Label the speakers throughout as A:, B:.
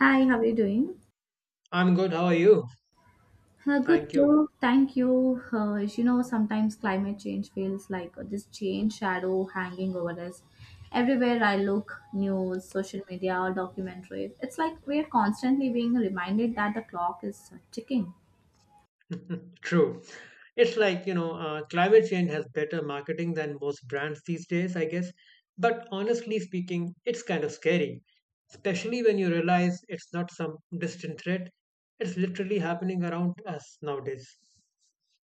A: Hi, how are you doing?
B: I'm good. How are you?
A: Good
B: Thank you.
A: too. Thank you. Sometimes climate change feels like this chain shadow hanging over us. Everywhere I look, news, social media, or documentaries, it's like we're constantly being reminded that the clock is ticking.
B: True. It's like, you know, climate change has better marketing than most brands these days, I guess. But honestly speaking, it's kind of scary, especially when you realize it's not some distant threat. It's literally happening around us nowadays.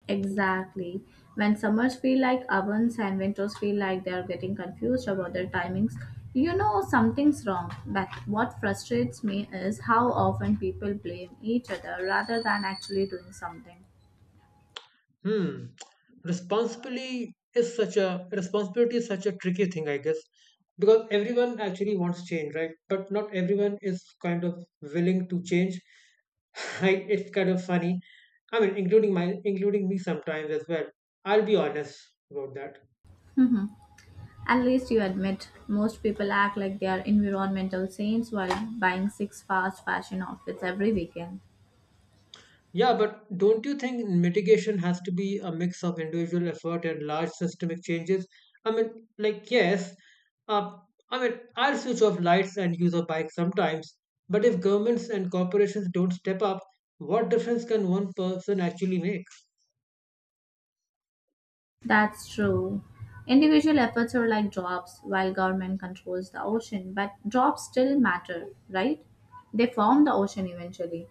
A: Exactly. When summers feel like ovens and winters feel like they're getting confused about their timings, you know something's wrong. But what frustrates me is how often people blame each other rather than actually doing something.
B: Hmm. Responsibility is such a tricky thing, I guess, because everyone actually wants change, right? But not everyone is kind of willing to change. I, it's kind of funny. I mean, including me sometimes as well. I'll be honest about that.
A: Mhm. At least you admit most people act like they are environmental saints while buying six fast fashion outfits every weekend.
B: Yeah, but don't you think mitigation has to be a mix of individual effort and large systemic changes? I mean, like, yes, uh, I mean, I'll switch off lights and use a bike sometimes, but if governments and corporations don't step up, what difference can one person actually make?
A: That's true. Individual efforts are like drops while government controls the ocean, but drops still matter, right? They form the ocean eventually.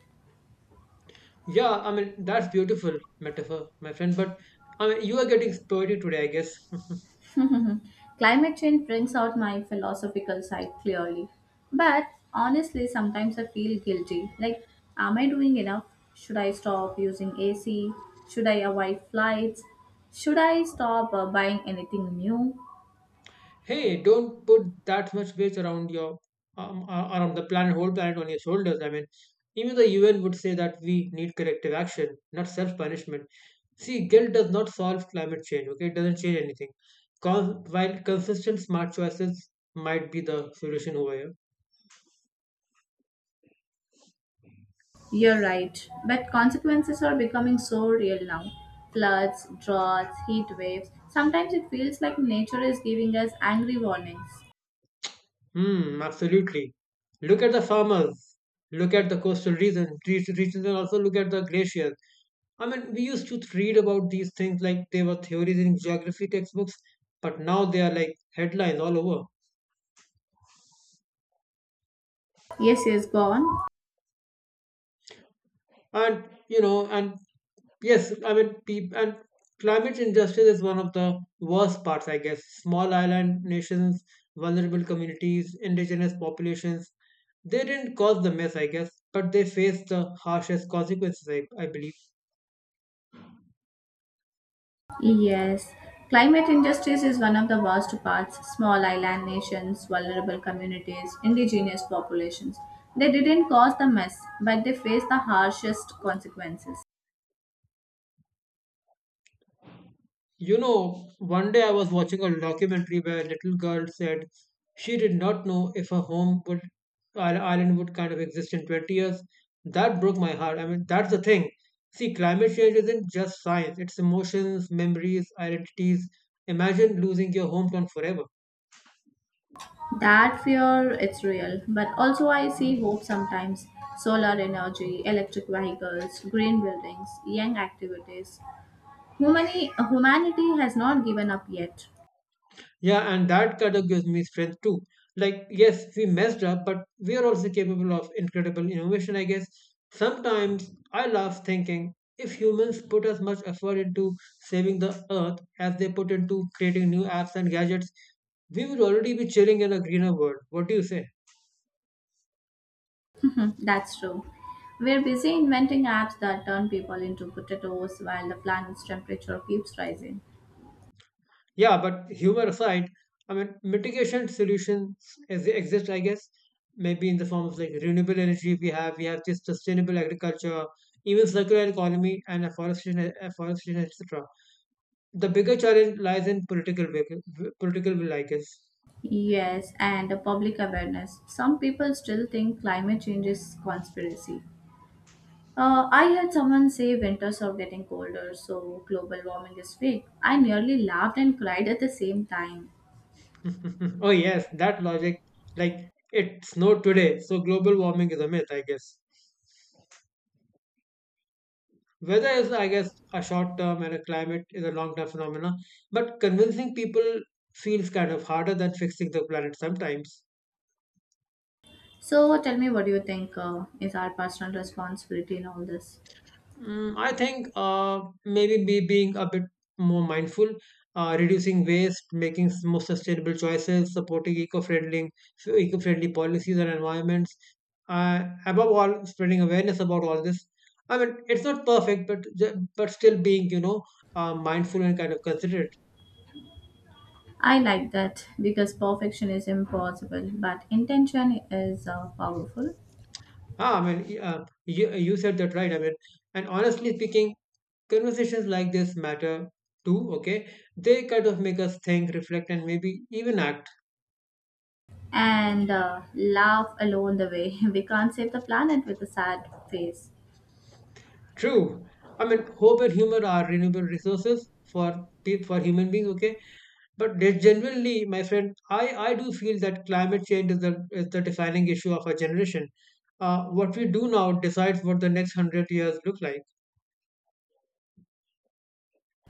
B: Yeah, I mean, that's beautiful metaphor, my friend, but I mean, you are getting poetic today, I guess.
A: Climate change brings out my philosophical side clearly. But honestly, sometimes I feel guilty. Like, am I doing enough? Should I stop using AC? Should I avoid flights? Should I stop buying anything new?
B: Hey, don't put that much weight around your around the planet, whole planet on your shoulders. I mean, even the UN would say that we need corrective action, not self-punishment. See, guilt does not solve climate change. Okay, it doesn't change anything. Cause, while consistent smart choices might be the solution over here.
A: You're right, but consequences are becoming so real now. Floods, droughts, heat waves. Sometimes it feels like nature is giving us angry warnings.
B: Hmm, absolutely. Look at the farmers. Look at the coastal regions. These regions, and also look at the glaciers. I mean, we used to read about these things like they were theories in geography textbooks, but now they are like headlines all over.
A: Yes, yes, go on.
B: And you know and yes I mean peop and climate injustice is one of the worst parts, I guess, small island nations, vulnerable communities, indigenous populations. They didn't cause the mess, I guess, but they faced the harshest consequences, I believe.
A: Yes, climate injustice is one of the worst parts. Small island nations, vulnerable communities, indigenous populations. They didn't cause the mess, but they face the harshest consequences.
B: You know, one day I was watching a documentary where a little girl said she did not know if her home would island would kind of exist in 20 years. That broke my heart. I mean, that's the thing. See, climate change isn't just science, it's emotions, memories, identities. Imagine losing your hometown forever.
A: That fear, it's real, but also I see hope sometimes. Solar energy, electric vehicles, green buildings, young activities. Humanity has not given up yet.
B: Yeah, and that kind of gives me strength too. Like, yes, we messed up, but we are also capable of incredible innovation, I guess. Sometimes I laugh thinking if humans put as much effort into saving the earth as they put into creating new apps and gadgets, we would already be chilling in a greener world. What do you say?
A: Mhm, that's true. We're busy inventing apps that turn people into potatoes while the planet's temperature keeps rising.
B: Yeah, but humor aside, I mean, mitigation solutions as they exist, I guess, maybe in the form of like renewable energy we have this sustainable agriculture, even circular economy and afforestation, etc. The bigger challenge lies in political will, I guess.
A: Yes, and the public awareness. Some people still think climate change is conspiracy. I heard someone say winters are getting colder, so global warming is fake. I nearly laughed and cried at the same time.
B: Oh yes, that logic, like it snowed today, so global warming is a myth, I guess. Weather is, I guess, a short term and a climate is a long term phenomena. But convincing people feels kind of harder than fixing the planet sometimes.
A: So tell me, what do you think is our personal responsibility in all this?
B: Mm, I think maybe be being a bit more mindful, reducing waste, more sustainable choices, supporting eco-friendly policies and environments. Above all, spreading awareness about all this. I mean, it's not perfect, but but still being, you know, mindful and kind of considerate.
A: I like that because perfection is impossible, but intention is powerful.
B: Ah, I mean, you said that right. I mean, and honestly speaking, conversations like this matter too, okay? They kind of make us think, reflect, and maybe even act.
A: And laugh along the way. We can't save the planet with a sad face.
B: True. I mean, hope and humor are renewable resources for for human beings, okay? But there's generally, my friend, I do feel that climate change is the defining issue of our generation. What we do now decides what the next hundred years look like.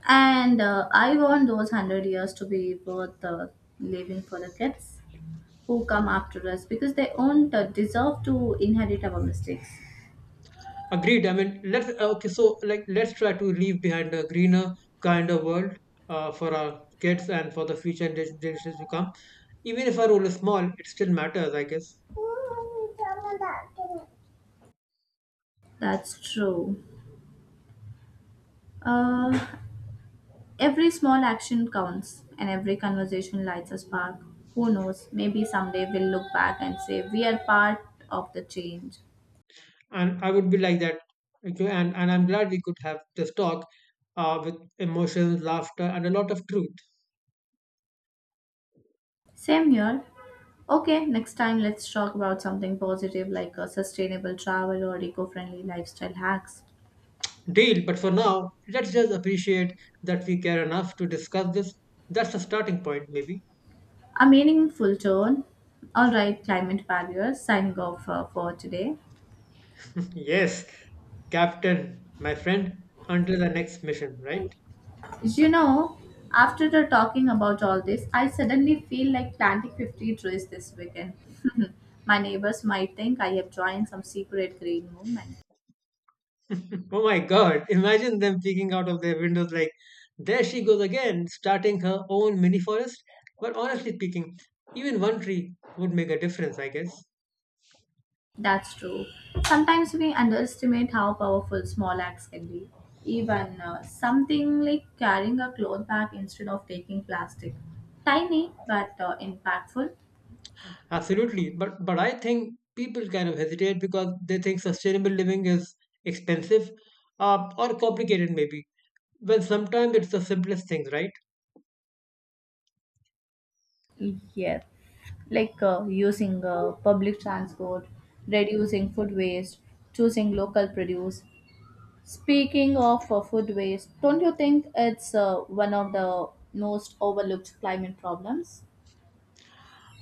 A: And I want those 100 years to be worth living for the kids who come after us because they won't deserve to inherit our mistakes.
B: Agreed. I mean, let's okay. So, like, let's try to leave behind a greener, kinder world for our kids and for the future generations to come. Even if our role is small, it still matters, I guess.
A: That's true. Uh, Every small action counts, and every conversation lights a spark. Who knows, maybe someday we'll look back and say we are part of the change.
B: And I would be like that. Okay, and I'm glad we could have this talk with emotions, laughter, and a lot of truth.
A: Same here. Okay, next time let's talk about something positive like a sustainable travel or eco friendly lifestyle hacks.
B: Deal. But for now, let's just appreciate that we care enough to discuss this. That's a starting point, maybe.
A: A meaningful tone. Alright, climate barriers, signing off for today.
B: Yes, Captain, my friend. Until the next mission, right?
A: You know, After the talking about all this, I suddenly feel like planting 50 trees this weekend. My neighbors might think I have joined some secret green movement.
B: Oh my God, imagine them peeking out of their windows like, there she goes again, starting her own mini forest. But honestly speaking, even one tree would make a difference, I guess.
A: That's true. Sometimes we underestimate how powerful small acts can be. Even something like carrying a cloth bag instead of taking plastic. Tiny but impactful.
B: Absolutely. But I think people kind of hesitate because they think sustainable living is expensive or complicated maybe. When sometimes it's the simplest things, right?
A: Yes, like using public transport, reducing food waste, choosing local produce. Speaking of food waste, don't you think it's one of the most overlooked climate problems?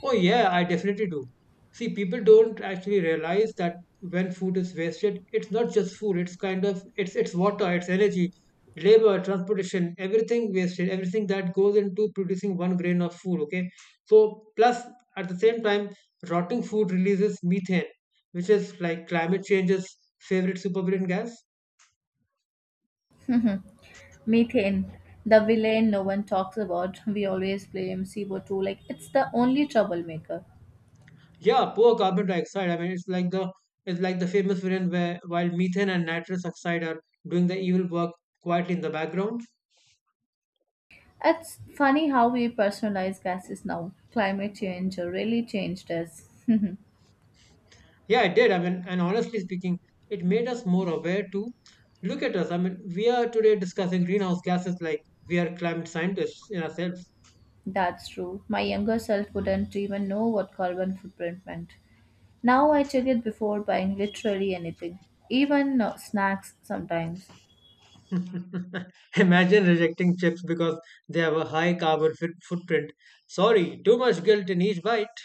B: Oh, yeah, I definitely do. See, people don't actually realize that when food is wasted, it's not just food, it's kind of it's water, it's energy, labor, transportation, everything wasted, everything that goes into producing one grain of food, okay? So plus at the same time, rotting food releases methane, which is like climate change's favorite supervillain gas.
A: Mhm. Methane, the villain no one talks about. We always blame CO2 like it's the only troublemaker.
B: Yeah, poor carbon dioxide. I mean, it's like the famous villain where while methane and nitrous oxide are doing the evil work quietly in the background.
A: It's funny how we personalize gases now. Climate change really changed us.
B: Yeah, it did. I mean, and honestly speaking, it made us more aware to look at us. I mean, we are today discussing greenhouse gases like we are climate scientists in ourselves.
A: That's true. My younger self wouldn't even know what carbon footprint meant. Now I check it before buying literally anything, even snacks sometimes.
B: Imagine rejecting chips because they have a high carbon fit footprint. Sorry, too much guilt in each bite.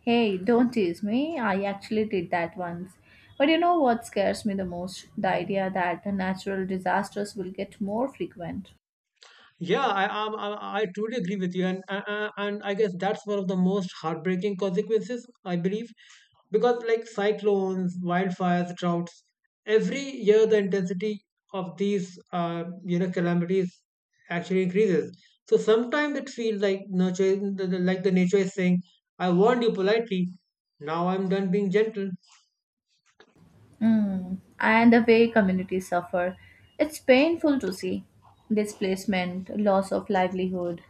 A: Hey, don't tease me. I actually did that once. But you know what scares me the most? The idea that the natural disasters will get more frequent.
B: Yeah, I, am I truly agree with you, and I guess that's one of the most heartbreaking consequences, I believe, because like cyclones, wildfires, droughts, every year the intensity of these calamities actually increases. So sometimes it feels like nature, like the nature is saying, "I warned you politely. Now I'm done being gentle."
A: Mm. And the way communities suffer. It's painful to see. Displacement, loss of livelihood,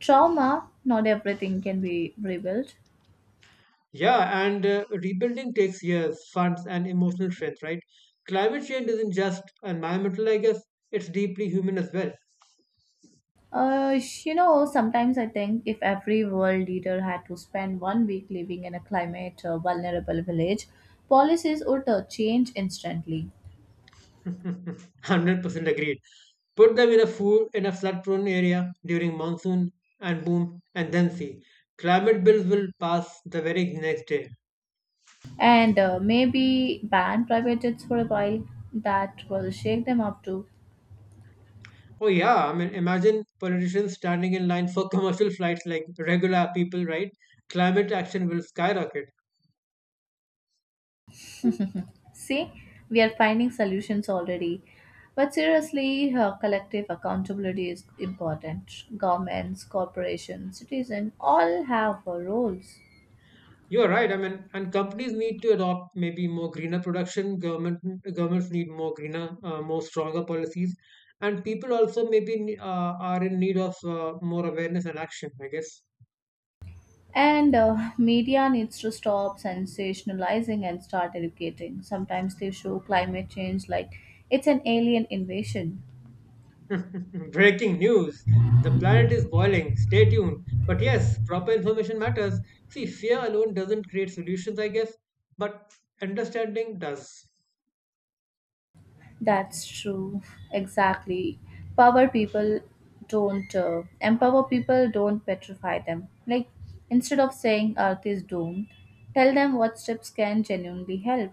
A: trauma, not everything can be rebuilt.
B: Yeah, and rebuilding takes years, funds, and emotional strength, right? Climate change isn't just environmental, I guess, it's deeply human as well.
A: Sometimes I think if every world leader had to spend one week living in a climate vulnerable village, policies would change instantly.
B: 100% agreed. Put them in a flood-prone area during monsoon and then see. Climate bills will pass the very next day.
A: And maybe ban private jets for a while. That will shake them up too.
B: Oh yeah, I mean, imagine politicians standing in line for commercial flights like regular people, right? Climate action will skyrocket.
A: See, we are finding solutions already. But seriously, collective accountability is important. Governments, corporations, citizens all have roles.
B: You're right. I mean, and companies need to adopt maybe more greener production. Governments need more greener, more stronger policies, and people also maybe are in need of more awareness and action. I guess.
A: And media needs to stop sensationalizing and start educating. Sometimes they show climate change like it's an alien invasion.
B: Breaking news: The planet is boiling. Stay tuned. But yes, proper information matters. See, fear alone doesn't create solutions. I guess, but understanding does.
A: That's true. Exactly. Power people don't empower people, don't petrify them. Like, instead of saying Earth is doomed, tell them what steps can genuinely help.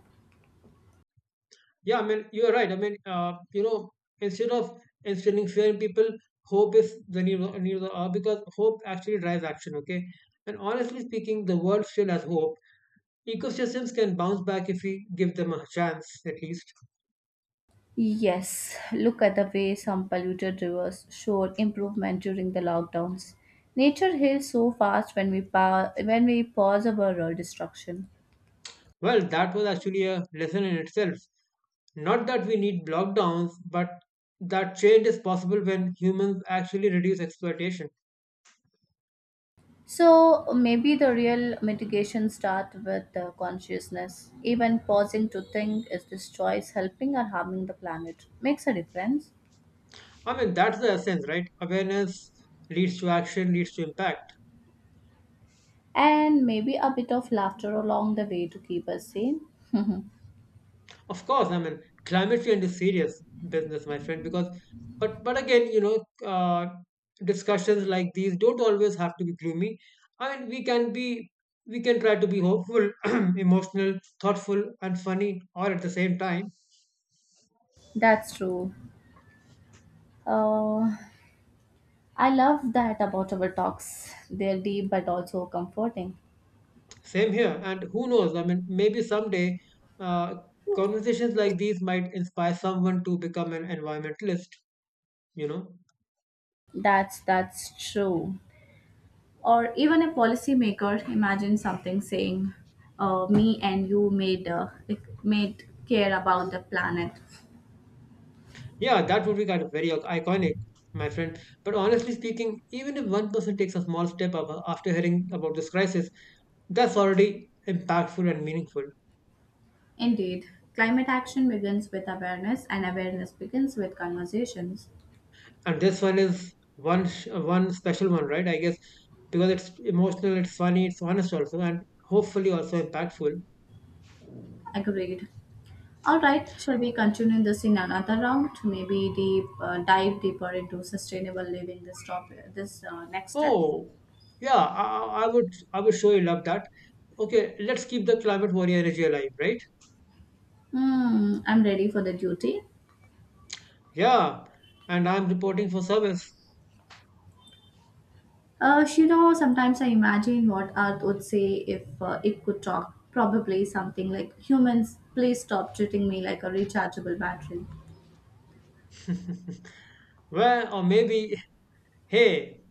B: Yeah, I mean, you're right. I mean, you know, instead of instilling fear in people, hope is the new new the because hope actually drives action. Okay, and honestly speaking, the world still has hope. Ecosystems can bounce back if we give them a chance, at least.
A: Yes, look at the way some polluted rivers showed improvement during the lockdowns. Nature heals so fast when we pause our destruction.
B: Well, that was actually a lesson in itself. Not that we need lockdowns, but that change is possible when humans actually reduce exploitation.
A: So maybe the real mitigation starts with consciousness. Even pausing to think, is this choice helping or harming the planet, makes a difference.
B: I mean, that's the essence, right? Awareness leads to action, leads to impact.
A: And maybe a bit of laughter along the way to keep us sane.
B: Of course, I mean, climate change is serious business, my friend, because but again, you know, discussions like these don't always have to be gloomy. I mean, we can try to be hopeful, emotional, thoughtful, and funny all at the same time.
A: That's true. Uh, I love that about our talks. They're deep but also comforting.
B: Same here, and who knows? I mean, maybe someday uh, conversations like these might inspire someone to become an environmentalist, you know.
A: That's true. Or even a policymaker. Imagine something saying, me and you made like, made care about the planet.
B: Yeah, that would be kind of very iconic, my friend. But honestly speaking, even if one person takes a small step up after hearing about this crisis, that's already impactful and meaningful.
A: Indeed. Climate action begins with awareness, and awareness begins with conversations.
B: And this one is one special one, right? I guess because it's emotional, it's funny, it's honest also, and hopefully also impactful.
A: Agreed. All right shall we continue this in another round? Maybe deep dive deeper into sustainable living, this topic, this next step.
B: Oh, yeah, I would I would surely love that. Okay, let's keep the climate warrior energy alive, right?
A: Hmm, I'm ready for the duty.
B: Yeah, and I'm reporting for service.
A: Sometimes I imagine what Earth would say if it could talk. Probably something like, humans, please stop treating me like a rechargeable battery.
B: Well, or maybe Hey,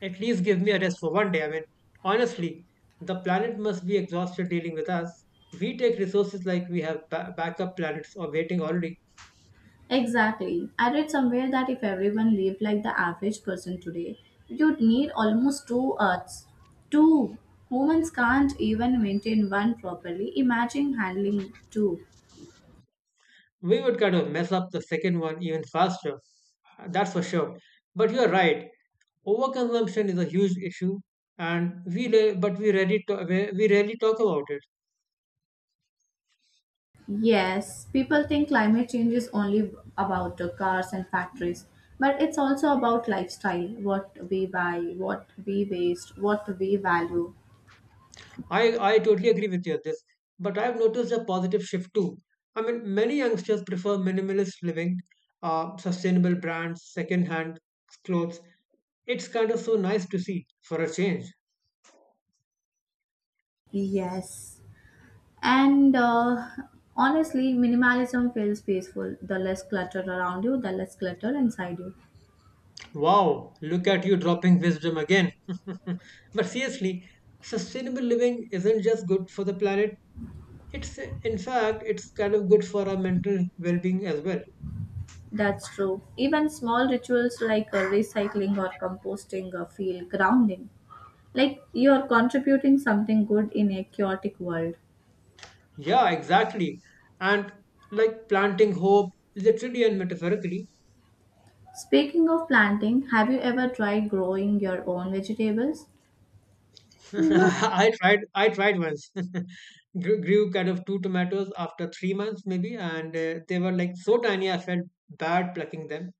B: at least give me a rest for one day. I mean, honestly, the planet must be exhausted dealing with us. We take resources like we have backup planets or waiting already.
A: Exactly. I read somewhere that if everyone lived like the average person today, you'd need almost two Earths. Two! Humans can't even maintain one properly. Imagine handling two.
B: We would kind of mess up the second one even faster. That's for sure. But you're right. Overconsumption is a huge issue, and we rarely talk about it.
A: Yes, people think climate change is only about the cars and factories, but it's also about lifestyle, what we buy, what we waste, what we value.
B: I totally agree with you on this, but I've noticed a positive shift too. I mean, many youngsters prefer minimalist living, sustainable brands, second-hand clothes. It's kind of so nice to see for a change.
A: Yes. And honestly, minimalism feels peaceful. The less clutter around you, the less clutter inside you.
B: Wow, look at you dropping wisdom again. but seriously, sustainable living isn't just good for the planet. It's in fact, it's kind of good for our mental well-being as well.
A: That's true. Even small rituals like recycling or composting feel grounding. Like you're contributing something good in a chaotic world.
B: Yeah, exactly. And like planting hope, literally and metaphorically.
A: Speaking of planting, have you ever tried growing your own vegetables?
B: I tried. I tried once. Grew kind of 2 tomatoes after 3 months maybe, and they were like so tiny. I felt bad plucking them.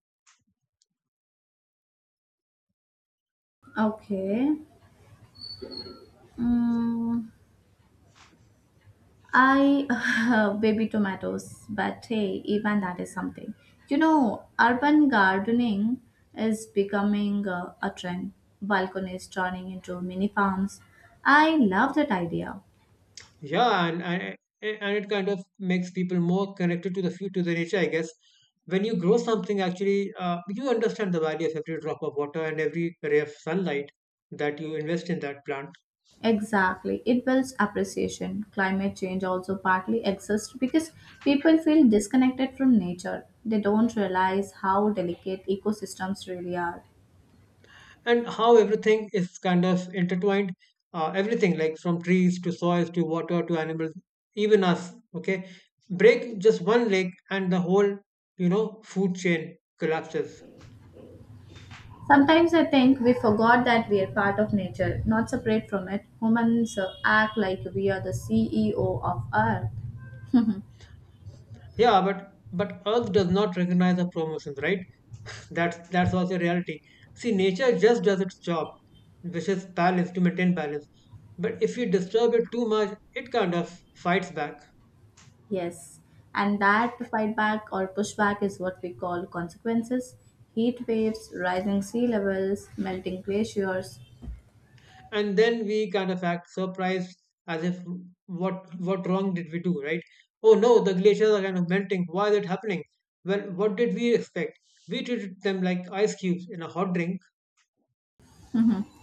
A: Okay. Mm, I baby tomatoes, but hey, even that is something. Urban gardening is becoming a trend. Balconies turning into mini farms. I love that idea.
B: Yeah, and it kind of makes people more connected to the to the nature, I guess. When you grow something, actually, you understand the value of every drop of water and every ray of sunlight that you invest in that plant.
A: Exactly. It builds appreciation. Climate change also partly exists because people feel disconnected from nature. They don't realize how delicate ecosystems really are.
B: And how everything is kind of intertwined, everything like from trees to soils to water to animals, even us. Okay, break just one leg and the whole, you know, food chain collapses.
A: Sometimes I think we forgot that we are part of nature, not separate from it. Humans act like we are the CEO of Earth.
B: Yeah, but earth does not recognize the promotions, right? That's also reality. See, nature just does its job, which is balance, to maintain balance. But if you disturb it too much, it kind of fights back.
A: Yes, and that fightback or pushback is what we call consequences. Heat waves, rising sea levels, melting glaciers.
B: And then we kind of act surprised, as if, what wrong did we do, right? Oh no, the glaciers are kind of melting, why is it happening? Well, what did we expect? We treated them like ice cubes in a hot drink.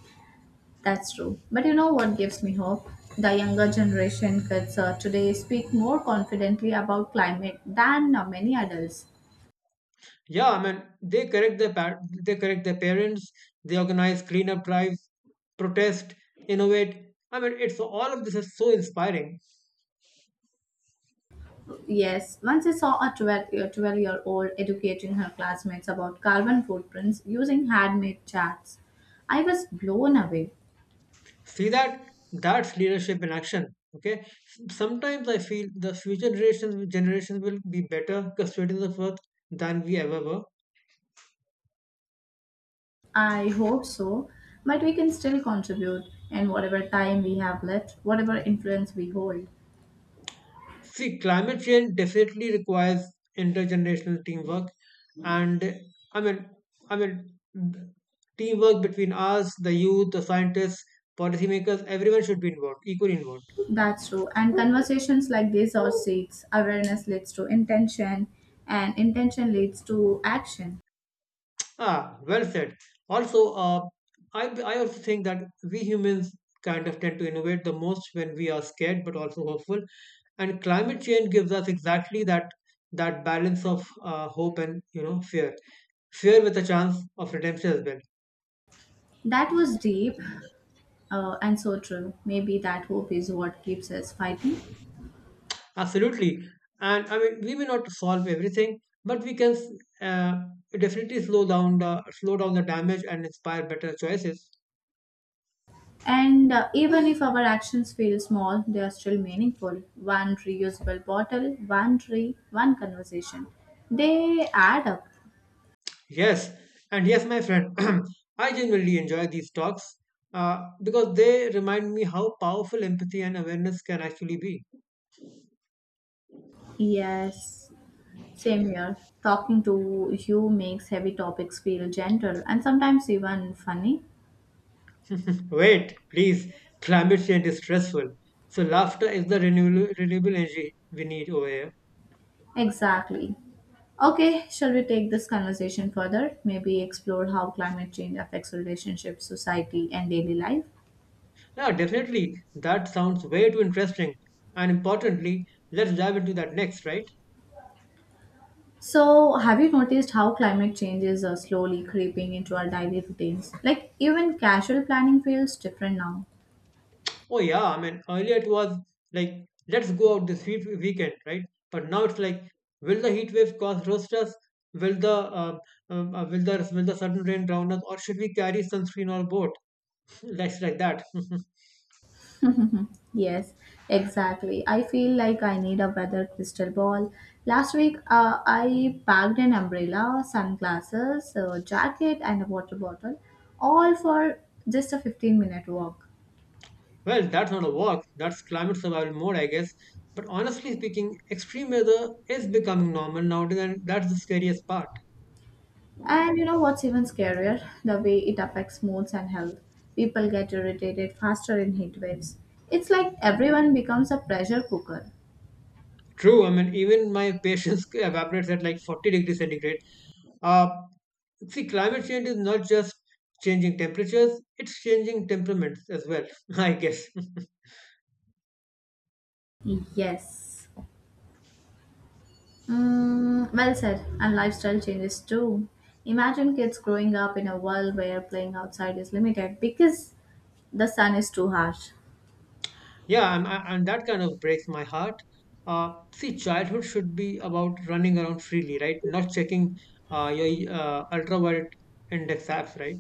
A: That's true. But you know what gives me hope? The younger generation kids today speak more confidently about climate than many adults.
B: Yeah, I mean, they correct their they correct their parents, they organize cleanup drives, protest, innovate. I mean, it's all of this is so inspiring.
A: Yes, once I saw a 12 year 12-year-old educating her classmates about carbon footprints using handmade charts. I was blown away.
B: See that? That's leadership in action. Okay, sometimes I feel the future generations will be better custodians of earth than we ever were.
A: I hope so, but we can still contribute in whatever time we have left, whatever influence we hold.
B: See, climate change definitely requires intergenerational teamwork. And i mean i mean, teamwork between us, the youth, the scientists, policymakers, everyone should be involved, equally involved.
A: That's true. And conversations like this are seeds. Awareness leads to intention, and intention leads to action.
B: Ah, well said. Also, I also think that we humans kind of tend to innovate the most when we are scared but also hopeful. And climate change gives us exactly that, that balance of hope and, you know, fear, fear with a chance of redemption as well.
A: That was deep, and so true. Maybe that hope is what keeps us fighting.
B: Absolutely. And I mean, we may not solve everything, but we can, uh, definitely slow down the damage and inspire better choices.
A: And even if our actions feel small, they are still meaningful. One reusable bottle, one tree, one conversation. They add up.
B: Yes, and yes, my friend, I genuinely enjoy these talks because they remind me how powerful empathy and awareness can actually be.
A: Yes, same here. Talking to you makes heavy topics feel gentle and sometimes even funny.
B: Wait, please, climate change is stressful. So, laughter is the renewable, renewable energy we need over here.
A: Exactly. Okay, shall we take this conversation further? Maybe explore how climate change affects relationships, society, and daily life.
B: Yeah, definitely, that sounds way too interesting. And importantly, let's dive into that next, right?
A: So, have you noticed how climate change is slowly creeping into our daily routines? Like, even casual planning feels different now.
B: Oh yeah, I mean earlier it was like, let's go out this heat weekend, right? But now it's like, will the heat waves cause roasters? Will the will the sudden rain drown us, or should we carry sunscreen on board? That's like that.
A: Yes, exactly. I feel like I need a weather crystal ball. Last week, I packed an umbrella, sunglasses, a jacket, and a water bottle, all for just a 15-minute walk.
B: Well, that's not a walk. That's climate survival mode, I guess. But honestly speaking, extreme weather is becoming normal nowadays, and that's the scariest part.
A: And you know what's even scarier? The way it affects moods and health. People get irritated faster in heat waves. It's like everyone becomes a pressure cooker.
B: True. I mean, even my patience evaporates at like 40 degrees centigrade. Uh, See, climate change is not just changing temperatures, it's changing temperaments as well, I guess.
A: Yes. Mm, well said. And lifestyle changes too. Imagine kids growing up in a world where playing outside is limited because the sun is too harsh.
B: Yeah, and that kind of breaks my heart. See, childhood should be about running around freely, right? Not checking your ultraviolet index apps, right?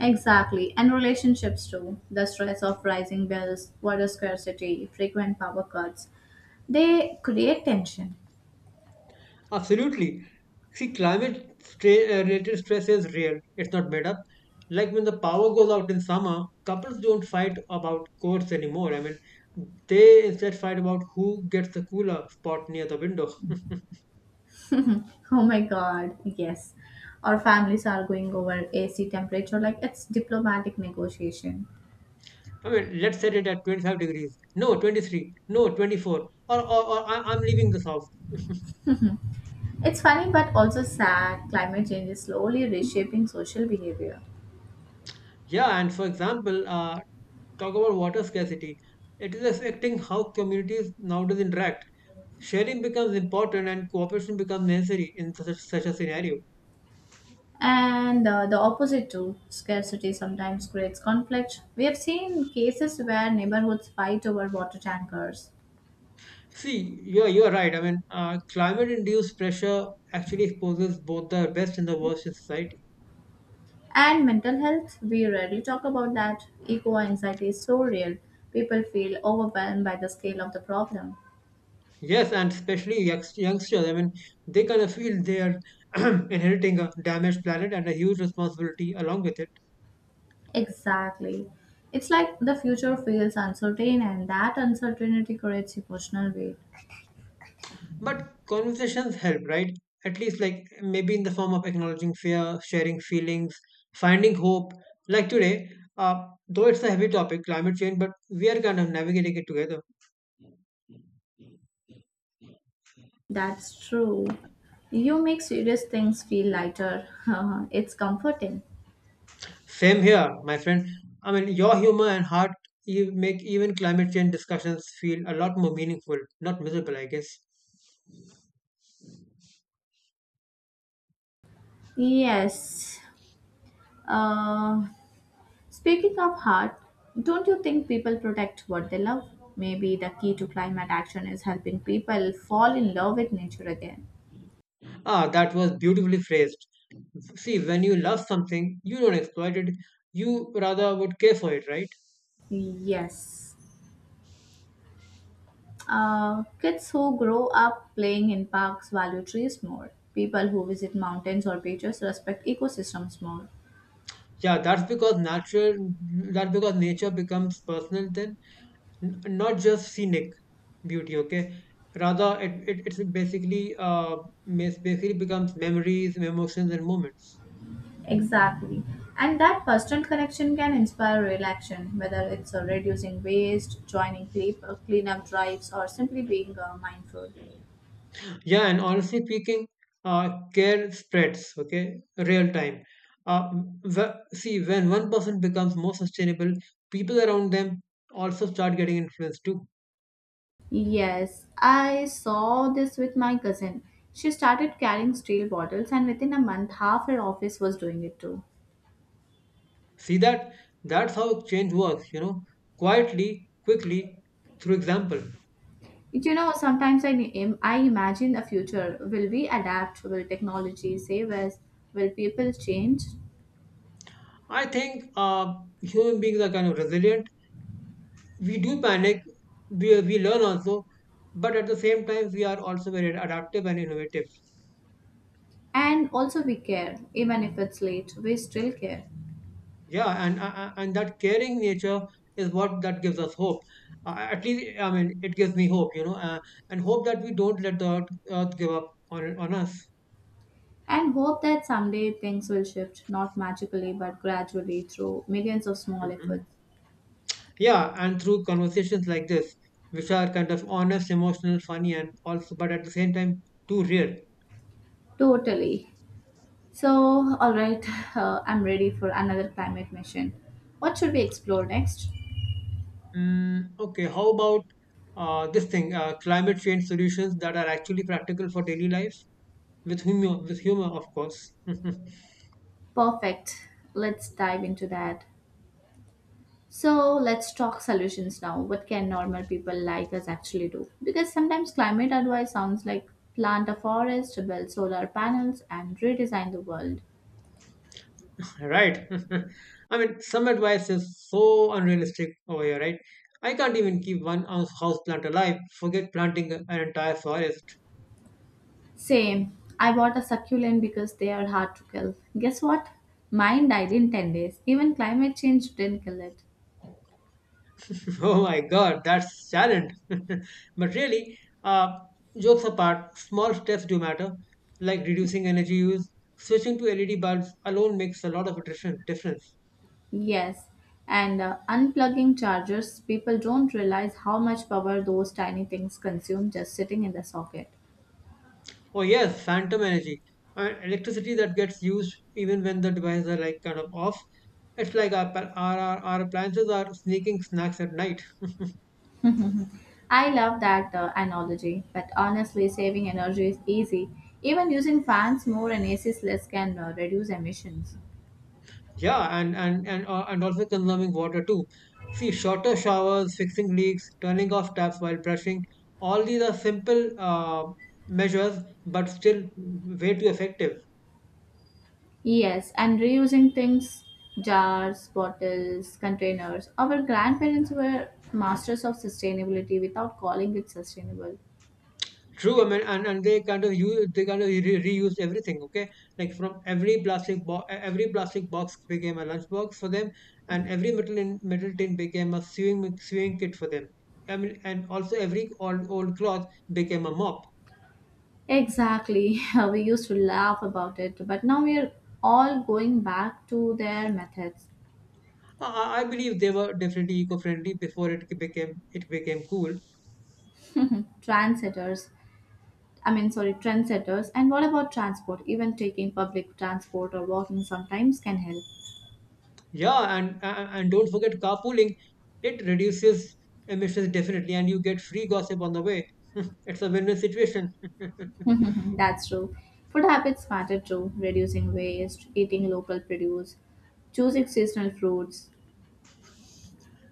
A: Exactly. And relationships too. The stress of rising bills, water scarcity, frequent power cuts. They create tension.
B: Absolutely. See, climate related stress is real, it's not made up. Like when the power goes out in summer, couples don't fight about courts anymore. I mean, they instead fight about who gets the cooler spot near the window.
A: Oh my God, yes. Our families are going over AC temperature like it's diplomatic negotiation.
B: I mean, let's set it at 25 degrees. No, 23. No, 24. Or I'm leaving this house.
A: It's funny but also sad. Climate change is slowly reshaping social behavior.
B: Yeah, and for example, talk about water scarcity. It is affecting how communities nowadays interact. Sharing becomes important and cooperation becomes necessary in such, such a scenario.
A: And the opposite too. Scarcity sometimes creates conflict. We have seen cases where neighborhoods fight over water tankers.
B: See, you're right. I mean, climate induced pressure actually exposes both the best and the worst in society.
A: And mental health, we rarely talk about that. Eco anxiety is so real. People feel overwhelmed by the scale of the problem.
B: Yes, and especially youngsters. I mean, they kind of feel they are inheriting a damaged planet and a huge responsibility along with it.
A: Exactly. It's like the future feels uncertain, and that uncertainty creates emotional weight.
B: But conversations help, right? At least, like, maybe in the form of acknowledging fear, sharing feelings, finding hope. Like today, though it's a heavy topic, climate change, but we are kind of navigating it together.
A: That's true. You make serious things feel lighter. It's comforting.
B: Same here, my friend. I mean, your humor and heart, you make even climate change discussions feel a lot more meaningful, not miserable, I guess.
A: Yes. Uh, Speaking of heart, don't you think people protect what they love? Maybe the key to climate action is helping people fall in love with nature again.
B: Ah, that was beautifully phrased. See, when you love something, you don't exploit it, you rather would care for it, right?
A: Yes. Kids who grow up playing in parks value trees more. People who visit mountains or beaches respect ecosystems more.
B: Yeah, that's because nature becomes personal then, not just scenic beauty, okay? Rather, it's basically basically becomes memories, emotions, and moments.
A: Exactly. And that personal connection can inspire real action, whether it's reducing waste, joining cleanup drives, or simply being mindful.
B: Yeah, and honestly speaking, care spreads, okay, real time. Uh, See, when one person becomes more sustainable, people around them also start getting influenced too.
A: Yes, I saw this with my cousin. She started carrying steel bottles, and within a month, half her office was doing it too.
B: See that? That's how change works, you know, quietly, quickly, through example.
A: Sometimes I imagine a future. Will we adapt? Will technology save us? Will people change?
B: I think human beings are kind of resilient. We do panic. We learn also, but at the same time, we are also very adaptive and innovative.
A: And also, we care. Even if it's late, we still care.
B: Yeah, and that caring nature is what that gives us hope. At least, I mean, it gives me hope, you know, and hope that we don't let the earth give up on us.
A: And hope that someday things will shift, not magically, but gradually through millions of small
B: Hmm.
A: efforts.
B: Yeah, and through conversations like this, which are kind of honest, emotional, funny, and also, but at the same time, too real.
A: Totally. So, alright, I'm ready for another climate mission. What should we explore next?
B: Mm, okay, how about this thing, climate change solutions that are actually practical for daily life with humor, of course.
A: Perfect. Let's dive into that. So let's talk solutions now. What can normal people like us actually do? Because sometimes climate advice sounds like plant a forest, build solar panels, and redesign the world.
B: Right. I mean, some advice is so unrealistic over here, right? I can't even keep one house plant alive. Forget planting an entire forest.
A: Same. I bought a succulent because they are hard to kill. Guess what? Mine died in 10 days. Even climate change didn't kill it.
B: Oh my God, that's challenge. But really, jokes apart, small steps do matter, like reducing energy use. Switching to LED bulbs alone makes a lot of difference.
A: Yes. And unplugging chargers, people don't realize how much power those tiny things consume just sitting in the socket.
B: Oh yes, phantom energy. Electricity that gets used even when the devices are like kind of off. It's like our our appliances are sneaking snacks at night.
A: I love that analogy, but honestly, saving energy is easy. Even using fans more and ACs less can reduce emissions.
B: Yeah, and also consuming water too. See, shorter showers, fixing leaks, turning off taps while brushing. All these are simple measures, but still way too effective.
A: Yes, and reusing things: jars, bottles, containers. Our grandparents were masters of sustainability without calling it sustainable.
B: True, I mean, and they kind of use they kind of reuse everything. Okay, like from every plastic box became a lunch box for them, and every metal tin became a sewing kit for them. I mean, and also every old cloth became a mop.
A: Exactly. We used to laugh about it, but now we are all going back to their methods.
B: I believe they were definitely eco friendly before it became cool.
A: Trendsetters. I mean, sorry, trendsetters. And what about transport? Even taking public transport or walking sometimes can help.
B: Yeah, and don't forget carpooling. It reduces emissions definitely, and you get free gossip on the way. It's a win-win situation.
A: That's true. Food habits matter too, reducing waste, eating local produce, choosing seasonal fruits.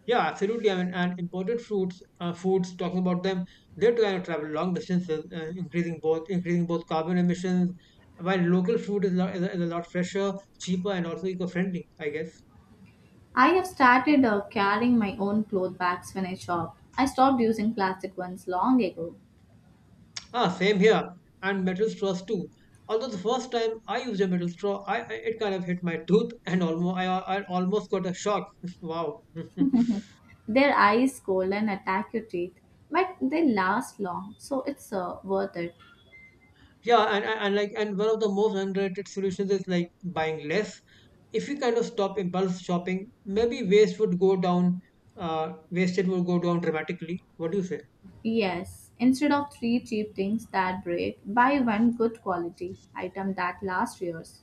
B: Yeah, absolutely. I mean, and imported fruits, foods. Talking about them, they are trying to travel long distances, increasing both carbon emissions. While local food is a lot fresher, cheaper, and also eco-friendly, I guess.
A: I have started carrying my own cloth bags when I shop. I stopped using plastic ones long ago.
B: Ah, same here. And metal straws too. Although the first time I used a metal straw, I it kind of hit my tooth, and almost I almost got a shock. Wow.
A: Their ice cold and attack your teeth, but they last long, so it's worth it.
B: Yeah, and one of the most underrated solutions is like buying less. If you kind of stop impulse shopping, maybe waste would go down. Wasted would go down dramatically. What do you say?
A: Yes, instead of three cheap things that break, buy one good quality item that lasts years.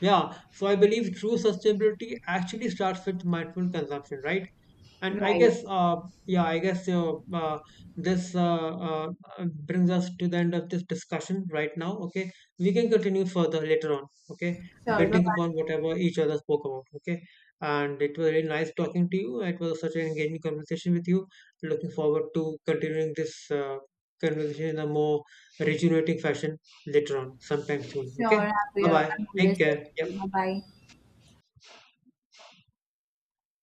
B: Yeah. So I believe true sustainability actually starts with mindful consumption, right? And I
A: Right.
B: guess, yeah, I guess this brings us to the end of this discussion right now. Okay, we can continue further later on. Okay,
A: Sure. Bye
B: building upon
A: bye.
B: whatever each other spoke about. Okay, and it was really nice talking to you. It was such an engaging conversation with you. Looking forward to continuing this conversation in a more rejuvenating fashion later on, sometime soon.
A: Sure. I'm
B: Okay, bye
A: here.
B: bye.
A: I'm always
B: Take
A: there.
B: care. Yeah.
A: Bye bye.